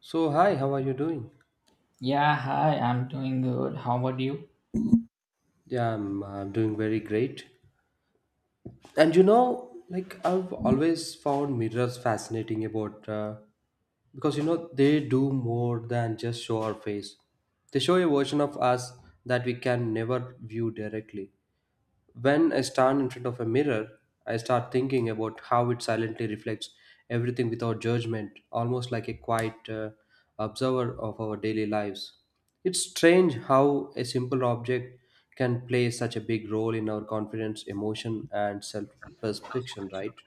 So, hi, how are you doing? Yeah, hi, I'm doing good. How about you? Yeah, I'm doing very great. And you know, like I've always found mirrors fascinating about because you know they do more than just show our face. They show a version of us that we can never view directly. When I stand in front of a mirror, I start thinking about how it silently reflects everything without judgment, almost like a quiet observer of our daily lives. It's strange how a simple object can play such a big role in our confidence, emotion, and self perception, right?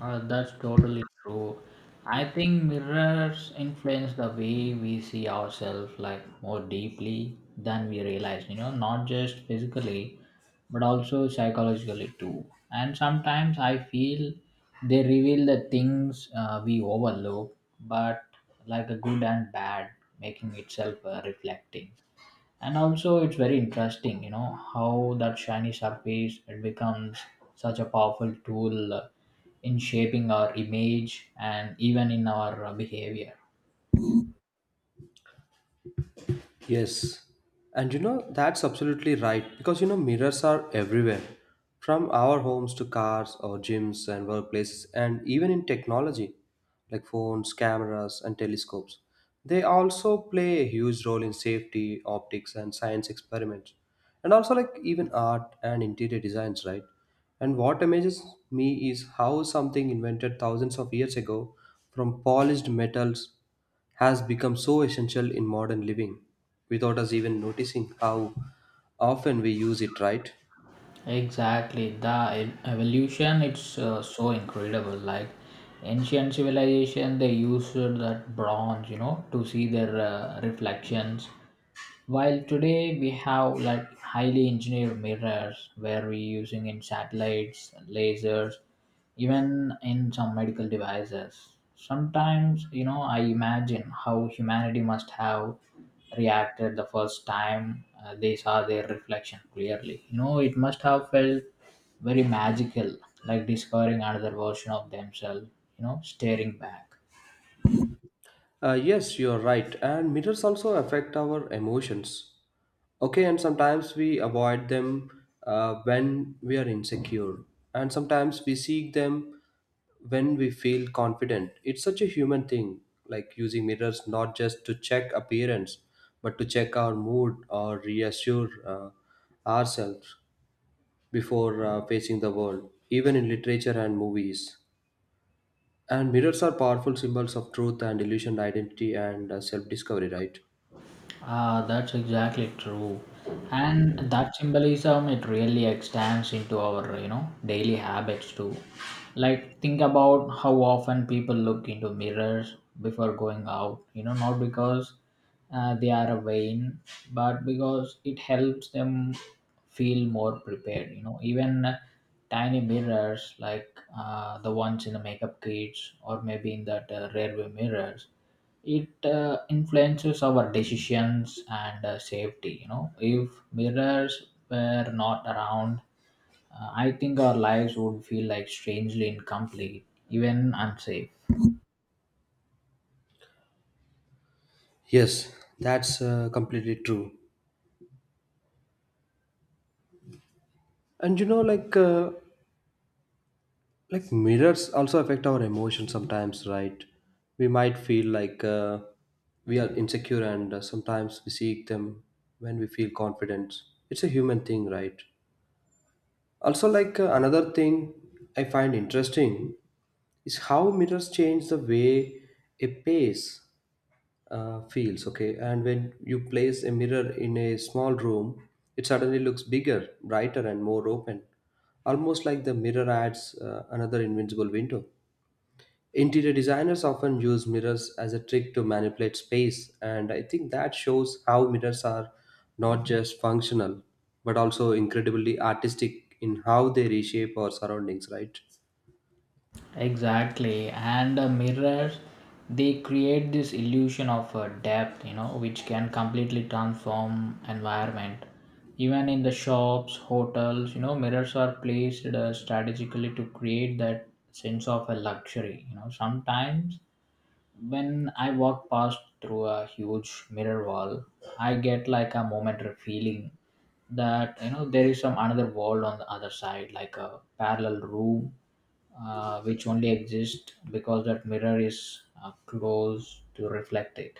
That's totally true. I think mirrors influence the way we see ourselves, like, more deeply than we realize, you know, not just physically, but also psychologically too. And sometimes I feel they reveal the things we overlook, but like a good and bad, making itself reflecting. And also, it's very interesting, you know, how that shiny surface, it becomes such a powerful tool in shaping our image and even in our behavior. Yes. And you know, that's absolutely right because you know, mirrors are everywhere from our homes to cars or gyms and workplaces, and even in technology like phones, cameras, and telescopes. They also play a huge role in safety, optics, and science experiments, and also like even art and interior designs, right? And what amazes me is how something invented thousands of years ago from polished metals has become so essential in modern living without us even noticing how often we use it, right? Exactly, the evolution, it's so incredible. Like, ancient civilization, they used that bronze, you know, to see their reflections. While today we have like highly engineered mirrors where we using in satellites, lasers, even in some medical devices. Sometimes, you know, I imagine how humanity must have reacted the first time they saw their reflection clearly. You know, it must have felt very magical, like discovering another version of themselves, you know, staring back. Yes, you're right. And mirrors also affect our emotions. Okay, and sometimes we avoid them when we are insecure, and sometimes we seek them when we feel confident. It's such a human thing, like using mirrors not just to check appearance, but to check our mood or reassure ourselves before facing the world, even in literature and movies. And mirrors are powerful symbols of truth and illusion, identity and self discovery, right? Ah, that's exactly true. And that symbolism, it really extends into our, you know, daily habits too. Like, think about how often people look into mirrors before going out, you know, not because they are vain, but because it helps them feel more prepared, you know. Even tiny mirrors, like the ones in the makeup kits, or maybe in that rearview mirrors, it influences our decisions and safety. You know, if mirrors were not around, I think our lives would feel like strangely incomplete, even unsafe. Yes, that's completely true. And you know, like mirrors also affect our emotions sometimes, right? We might feel like we are insecure, and sometimes we seek them when we feel confident. It's a human thing, right? Also, like another thing I find interesting is how mirrors change the way a pace feels. Okay, and when you place a mirror in a small room, it suddenly looks bigger, brighter, and more open, almost like the mirror adds another invincible window. Interior designers often use mirrors as a trick to manipulate space, and I think that shows how mirrors are not just functional but also incredibly artistic in how they reshape our surroundings, right? Exactly, and mirrors, they create this illusion of depth, you know, which can completely transform environment. Even in the shops, hotels, you know, mirrors are placed strategically to create that sense of a luxury, you know. Sometimes when I walk past through a huge mirror wall, I get like a momentary feeling that, you know, there is some another world on the other side, like a parallel room, which only exists because that mirror is closed to reflect it.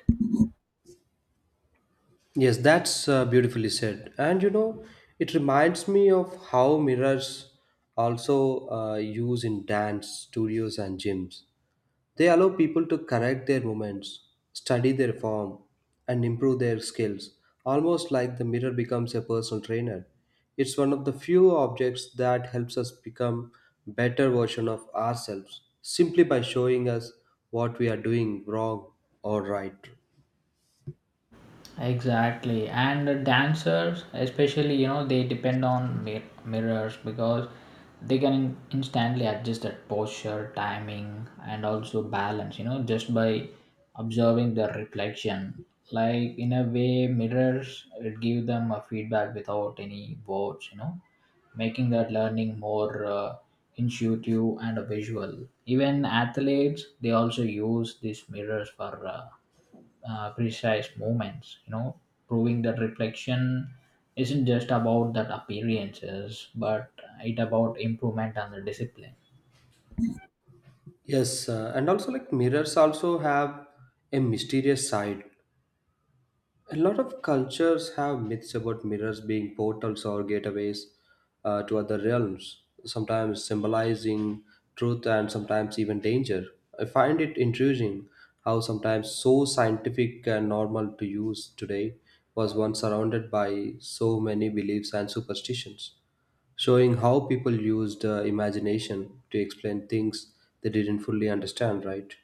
Yes, that's beautifully said. And you know, it reminds me of how mirrors also use in dance studios and gyms. They allow people to correct their movements, study their form, and improve their skills, almost like the mirror becomes a personal trainer. It's one of the few objects that helps us become better version of ourselves simply by showing us what we are doing wrong or right. Exactly, and the dancers especially, you know, they depend on mirrors because they can instantly adjust their posture, timing, and also balance, you know, just by observing the reflection. Like, in a way, mirrors, it give them a feedback without any words, you know, making that learning more intuitive and visual. Even athletes, they also use these mirrors for. Precise movements, you know, proving that reflection isn't just about that appearances, but it about improvement and the discipline. Yes, and also like mirrors also have a mysterious side. A lot of cultures have myths about mirrors being portals or gateways to other realms, sometimes symbolizing truth and sometimes even danger. I find it intriguing how sometimes so scientific and normal to use today was once surrounded by so many beliefs and superstitions, showing how people used imagination to explain things they didn't fully understand, right?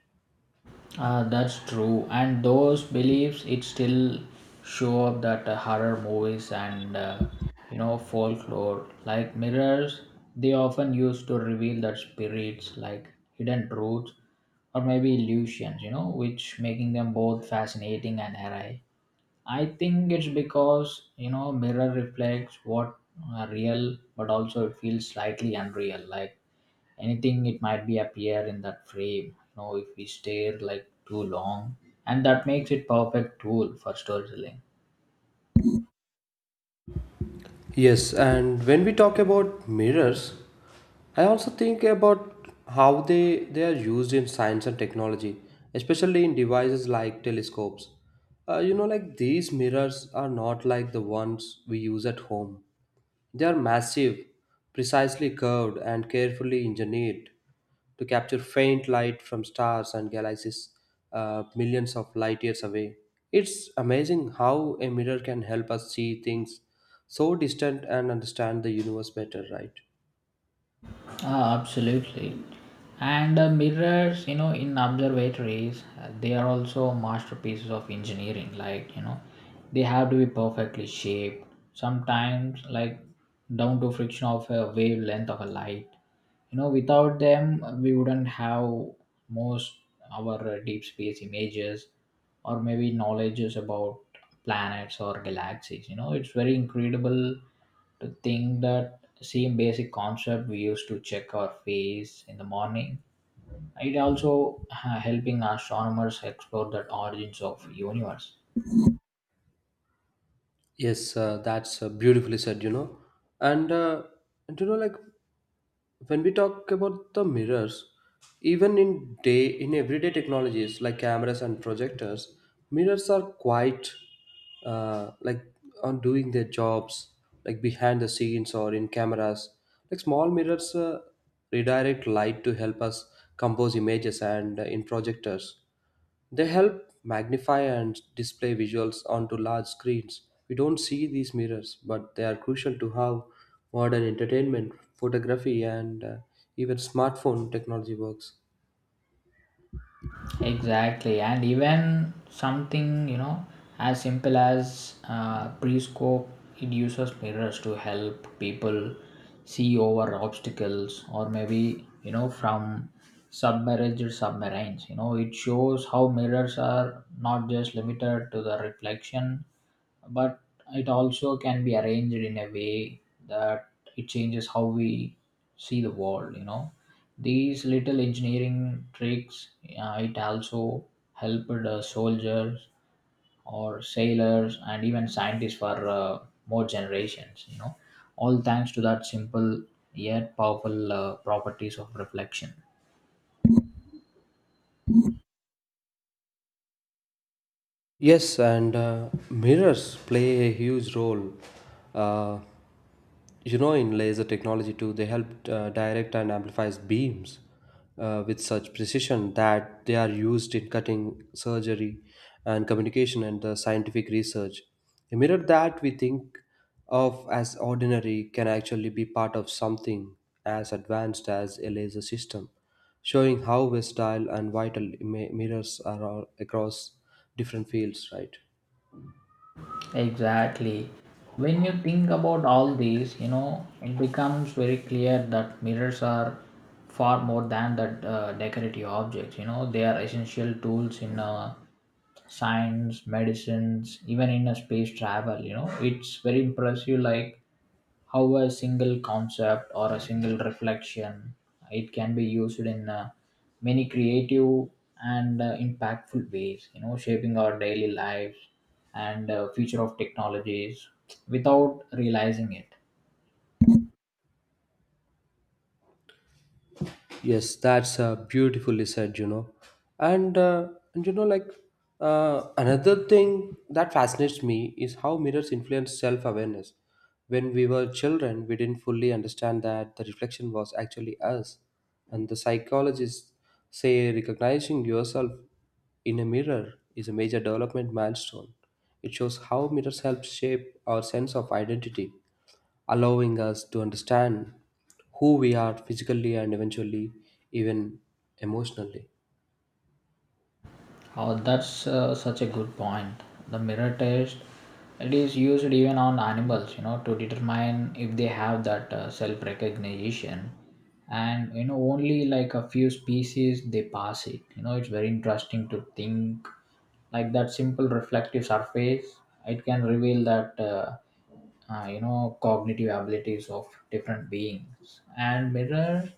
That's true, and those beliefs, it still show up that horror movies and you know, folklore. Like mirrors, they often use to reveal that spirits, like hidden truths or maybe illusions, you know, which making them both fascinating and eerie. I think it's because, you know, mirror reflects what are real, but also it feels slightly unreal. Like anything, it might be appear in that frame. You know, if we stare like too long, and that makes it perfect tool for storytelling. Yes, and when we talk about mirrors, I also think about how they are used in science and technology, especially in devices like telescopes. Like these mirrors are not like the ones we use at home. They are massive, precisely curved, and carefully engineered to capture faint light from stars and galaxies millions of light years away. It's amazing how a mirror can help us see things so distant and understand the universe better, right? Ah, absolutely. And mirrors, you know, in observatories, they are also masterpieces of engineering. Like, you know, they have to be perfectly shaped, sometimes like down to friction of a wavelength of a light. You know, without them, we wouldn't have most our deep space images or maybe knowledges about planets or galaxies. You know, it's very incredible to think that same basic concept we used to check our face in the morning, it also helping astronomers explore the origins of universe. Yes, that's beautifully said, you know. And, uh, and you know, like when we talk about the mirrors even in day in everyday technologies like cameras and projectors mirrors are quite like on doing their jobs like behind the scenes or in cameras like small mirrors redirect light to help us compose images and in projectors they help magnify and display visuals onto large screens. We don't see these mirrors, but they are crucial to how modern entertainment, photography, and even smartphone technology works. Exactly, and even something, you know, as simple as prescope, it uses mirrors to help people see over obstacles, or maybe, you know, from submerged submarines. You know, it shows how mirrors are not just limited to the reflection, but it also can be arranged in a way that it changes how we see the world. You know, these little engineering tricks, it also helped the soldiers or sailors and even scientists for more generations, you know, all thanks to that simple yet powerful properties of reflection. Yes, and mirrors play a huge role. Uh, You know, in laser technology too, they help direct and amplify beams with such precision that they are used in cutting, surgery, and communication and the scientific research. A mirror that we think of as ordinary can actually be part of something as advanced as a laser system, showing how versatile and vital mirrors are all across different fields, right? Exactly. When you think about all these, you know, it becomes very clear that mirrors are far more than that decorative objects. You know, they are essential tools in science, medicines, even in a space travel. You know, it's very impressive. Like how a single concept or a single reflection, it can be used in many creative and impactful ways, you know, shaping our daily lives and future of technologies without realizing it. Yes, that's beautifully said, you know. And you know, another thing that fascinates me is how mirrors influence self awareness. When we were children, we didn't fully understand that the reflection was actually us. And the psychologists say recognizing yourself in a mirror is a major development milestone. It shows how mirrors help shape our sense of identity, allowing us to understand who we are physically and eventually even emotionally. Oh, that's such a good point. The mirror test, it is used even on animals, you know, to determine if they have that self recognition. And you know, only like a few species they pass it. You know, it's very interesting to think like that simple reflective surface. It can reveal that you know, cognitive abilities of different beings. And mirror,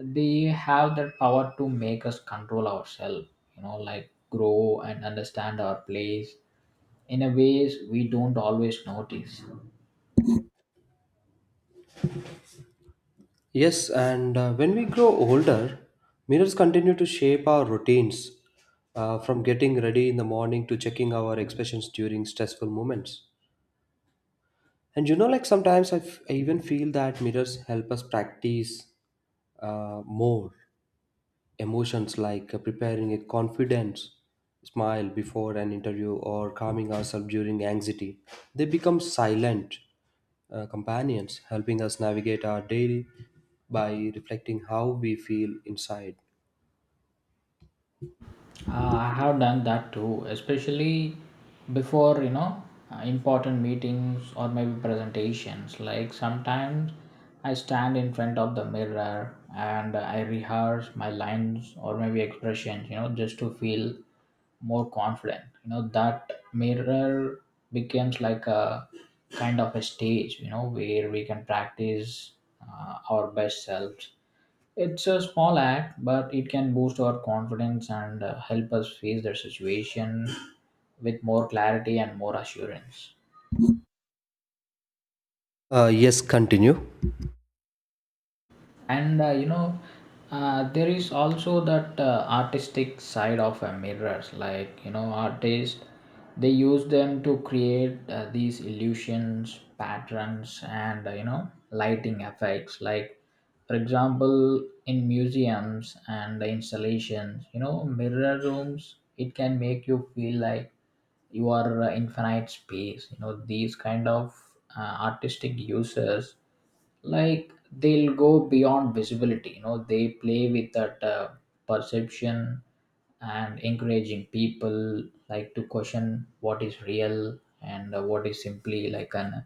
they have that power to make us control ourselves, you know, like grow and understand our place in a ways we don't always notice. Yes, and when we grow older, mirrors continue to shape our routines from getting ready in the morning to checking our expressions during stressful moments. And you know, like sometimes I even feel that mirrors help us practice more emotions like preparing a confident smile before an interview or calming ourselves during anxiety. They become silent companions, helping us navigate our day by reflecting how we feel inside. Uh, I have done that too, especially before, you know, important meetings or maybe presentations. Like sometimes I stand in front of the mirror and I rehearse my lines or maybe expressions, you know, just to feel more confident. You know, that mirror becomes like a kind of a stage, you know, where we can practice our best selves. It's a small act, but it can boost our confidence and help us face the situation with more clarity and more assurance. Yes, continue. And you know, there is also that artistic side of mirrors. Like, you know, artists, they use them to create these illusions, patterns, and you know, lighting effects. Like, for example, in museums and installations, you know, mirror rooms, it can make you feel like you are infinite space. You know, these kind of artistic uses, like, they'll go beyond visibility. You know, they play with that perception, and encouraging people like to question what is real and what is simply like an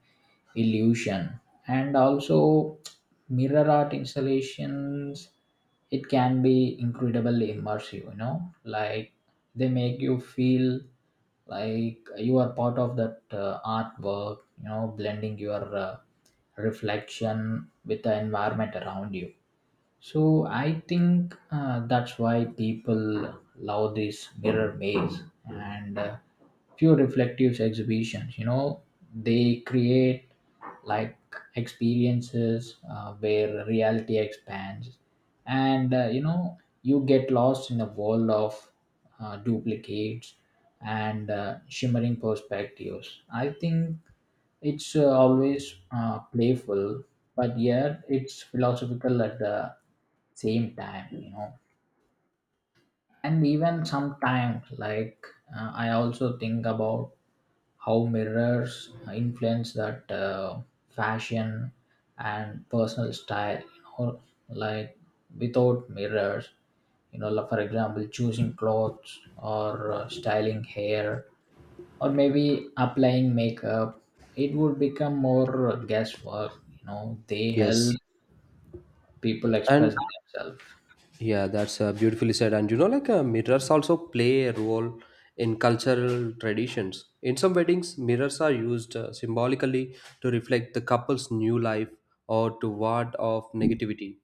illusion. And also, mirror art installations, it can be incredibly immersive, you know. Like, they make you feel like you are part of that artwork, you know, blending your reflection with the environment around you. So I think that's why people love this mirror maze and. Few reflective exhibitions, you know, they create like experiences where reality expands, and you know, you get lost in a world of duplicates and shimmering perspectives. I think it's always playful, but yet it's philosophical at the same time, you know. And even sometimes like, I also think about how mirrors influence that fashion and personal style. You know, like, without mirrors, you know, like, for example, choosing clothes or styling hair or maybe applying makeup, it would become more guesswork. You know, they help Yes. people express And themselves. yeah, that's beautifully said. And you know, like mirrors also play a role in cultural traditions. In some weddings, mirrors are used symbolically to reflect the couple's new life or to ward off negativity.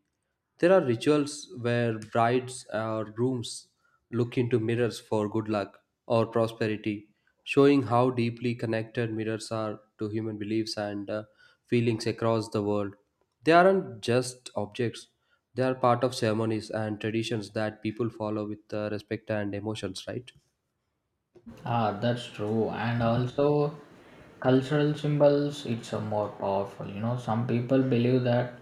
There are rituals where brides or grooms look into mirrors for good luck or prosperity, showing how deeply connected mirrors are to human beliefs and feelings across the world. They aren't just objects, they are part of ceremonies and traditions that people follow with respect and emotions, right? Ah, that's true. And also cultural symbols, it's a more powerful. You know, some people believe that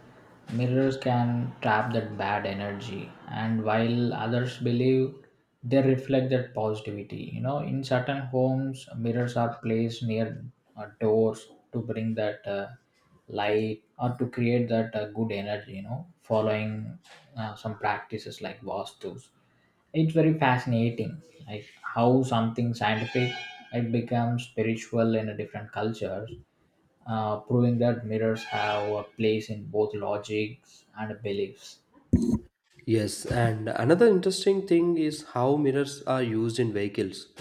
mirrors can trap that bad energy, and while others believe they reflect that positivity. You know, in certain homes, mirrors are placed near doors to bring that light or to create that good energy, you know, following some practices like vastus. It's very fascinating, like how something scientific, it becomes spiritual in a different cultures, proving that mirrors have a place in both logics and beliefs. Yes, and another interesting thing is how mirrors are used in vehicles.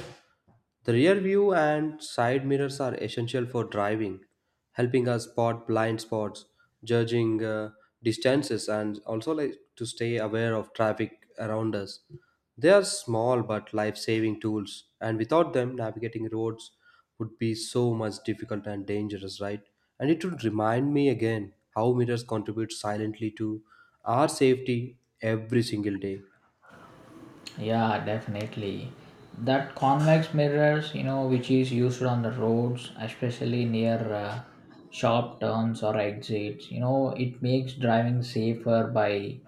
The rear view and side mirrors are essential for driving, helping us spot blind spots, judging distances, and also like to stay aware of traffic around us. They are small but life-saving tools, and without them, navigating roads would be so much difficult and dangerous, right? And it would remind me again how mirrors contribute silently to our safety every single day. Yeah, definitely. That convex mirrors, you know, which is used on the roads, especially near sharp turns or exits, you know, it makes driving safer by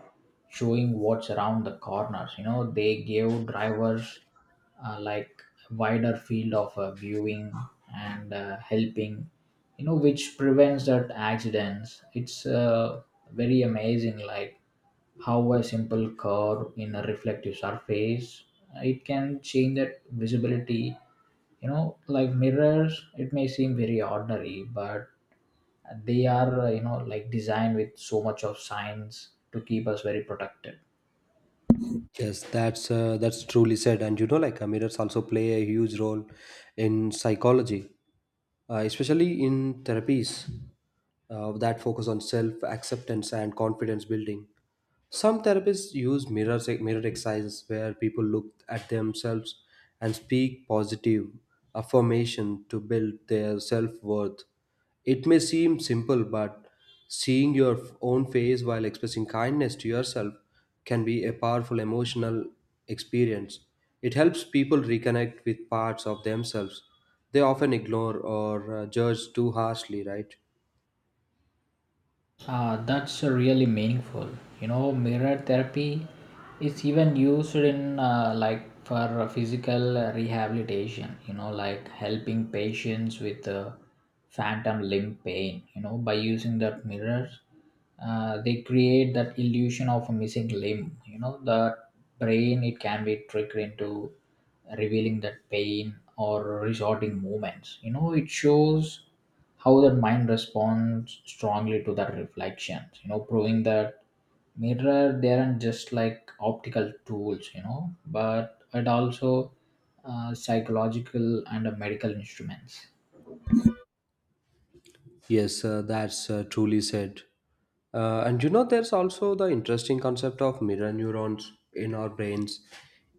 showing what's around the corners. You know, they give drivers like wider field of viewing and helping, you know, which prevents that accidents. It's very amazing, like how a simple curve in a reflective surface, it can change that visibility. You know, like mirrors, it may seem very ordinary, but they are, you know, like designed with so much of science to keep us very protected. Yes, that's truly said, and you know, like mirrors also play a huge role in psychology, especially in therapies that focus on self acceptance and confidence building. Some therapists use mirror exercises where people look at themselves and speak positive affirmation to build their self worth. It may seem simple, but seeing your own face while expressing kindness to yourself can be a powerful emotional experience. It helps people reconnect with parts of themselves they often ignore or judge too harshly, right? Ah, that's really meaningful. You know, mirror therapy is even used in like for physical rehabilitation. You know, like helping patients with phantom limb pain. You know, by using that mirror, they create that illusion of a missing limb. You know, the brain, it can be tricked into revealing that pain or resorting movements. You know, it shows how that mind responds strongly to that reflection, you know, proving that mirror, they aren't just like optical tools, you know, but it also psychological and medical instruments. Yes, that's truly said. And you know, there's also the interesting concept of mirror neurons in our brains.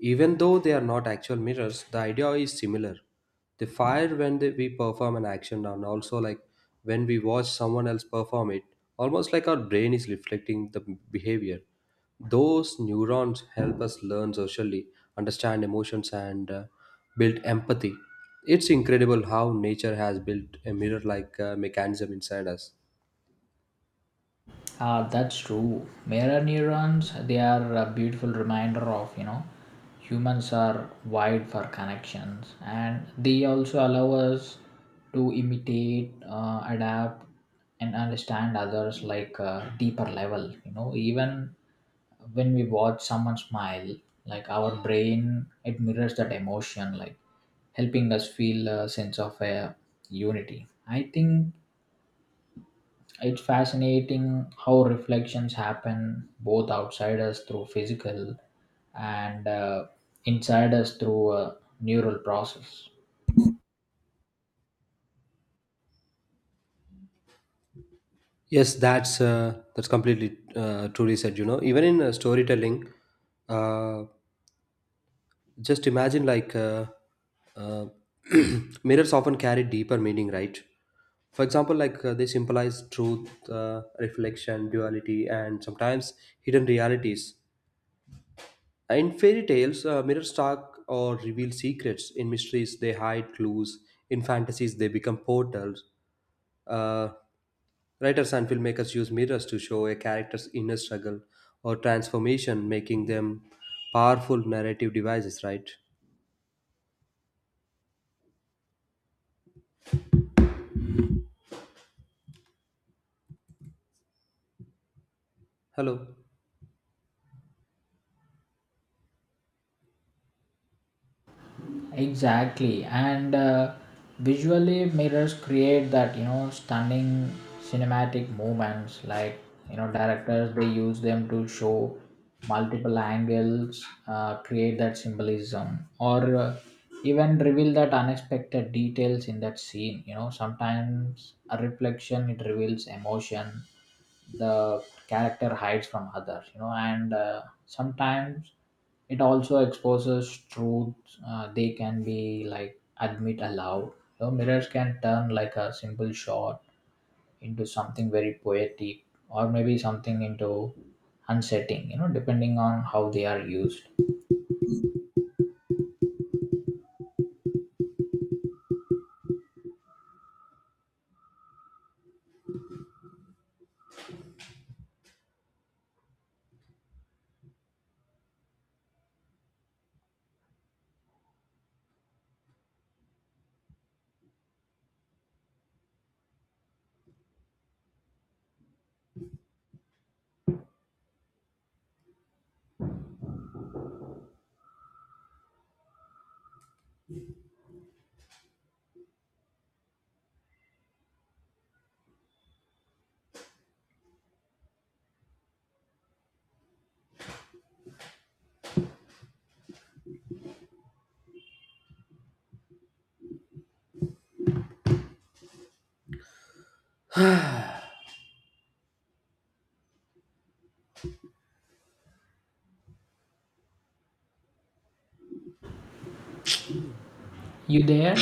Even though they are not actual mirrors, the idea is similar. They fire we perform an action, and also like when we watch someone else perform it, almost like our brain is reflecting the behavior. Those neurons help us learn socially, understand emotions, and build empathy. It's incredible how nature has built a mirror-like mechanism inside us. Ah, that's true. Mirror neurons, they are a beautiful reminder of, you know, humans are wired for connections, and they also allow us to imitate, adapt, and understand others like a deeper level. You know, even when we watch someone smile, like our brain, it mirrors that emotion, like helping us feel a sense of unity. I think it's fascinating how reflections happen both outside us through physical and inside us through a neural process. Yes, that's completely truly said. You know, even in storytelling, uh, just imagine uh, mirrors often carry deeper meaning, right? For example, like they symbolize truth, reflection, duality, and sometimes hidden realities. In fairy tales, mirrors talk or reveal secrets. In mysteries, they hide clues. In fantasies, they become portals. Uh, Writers and filmmakers use mirrors to show a character's inner struggle or transformation, making them powerful narrative devices, right? Hello. Exactly, and visually mirrors create that, you know, stunning cinematic moments. Like, you know, directors, they use them to show multiple angles, create that symbolism, or even reveal that unexpected details in that scene. You know, sometimes a reflection, it reveals emotion the character hides from others. You know, and sometimes it also exposes truths they can be like admit aloud. You know, mirrors can turn like a simple shot into something very poetic, or maybe something into unsettling. You know, depending on how they are used. You there?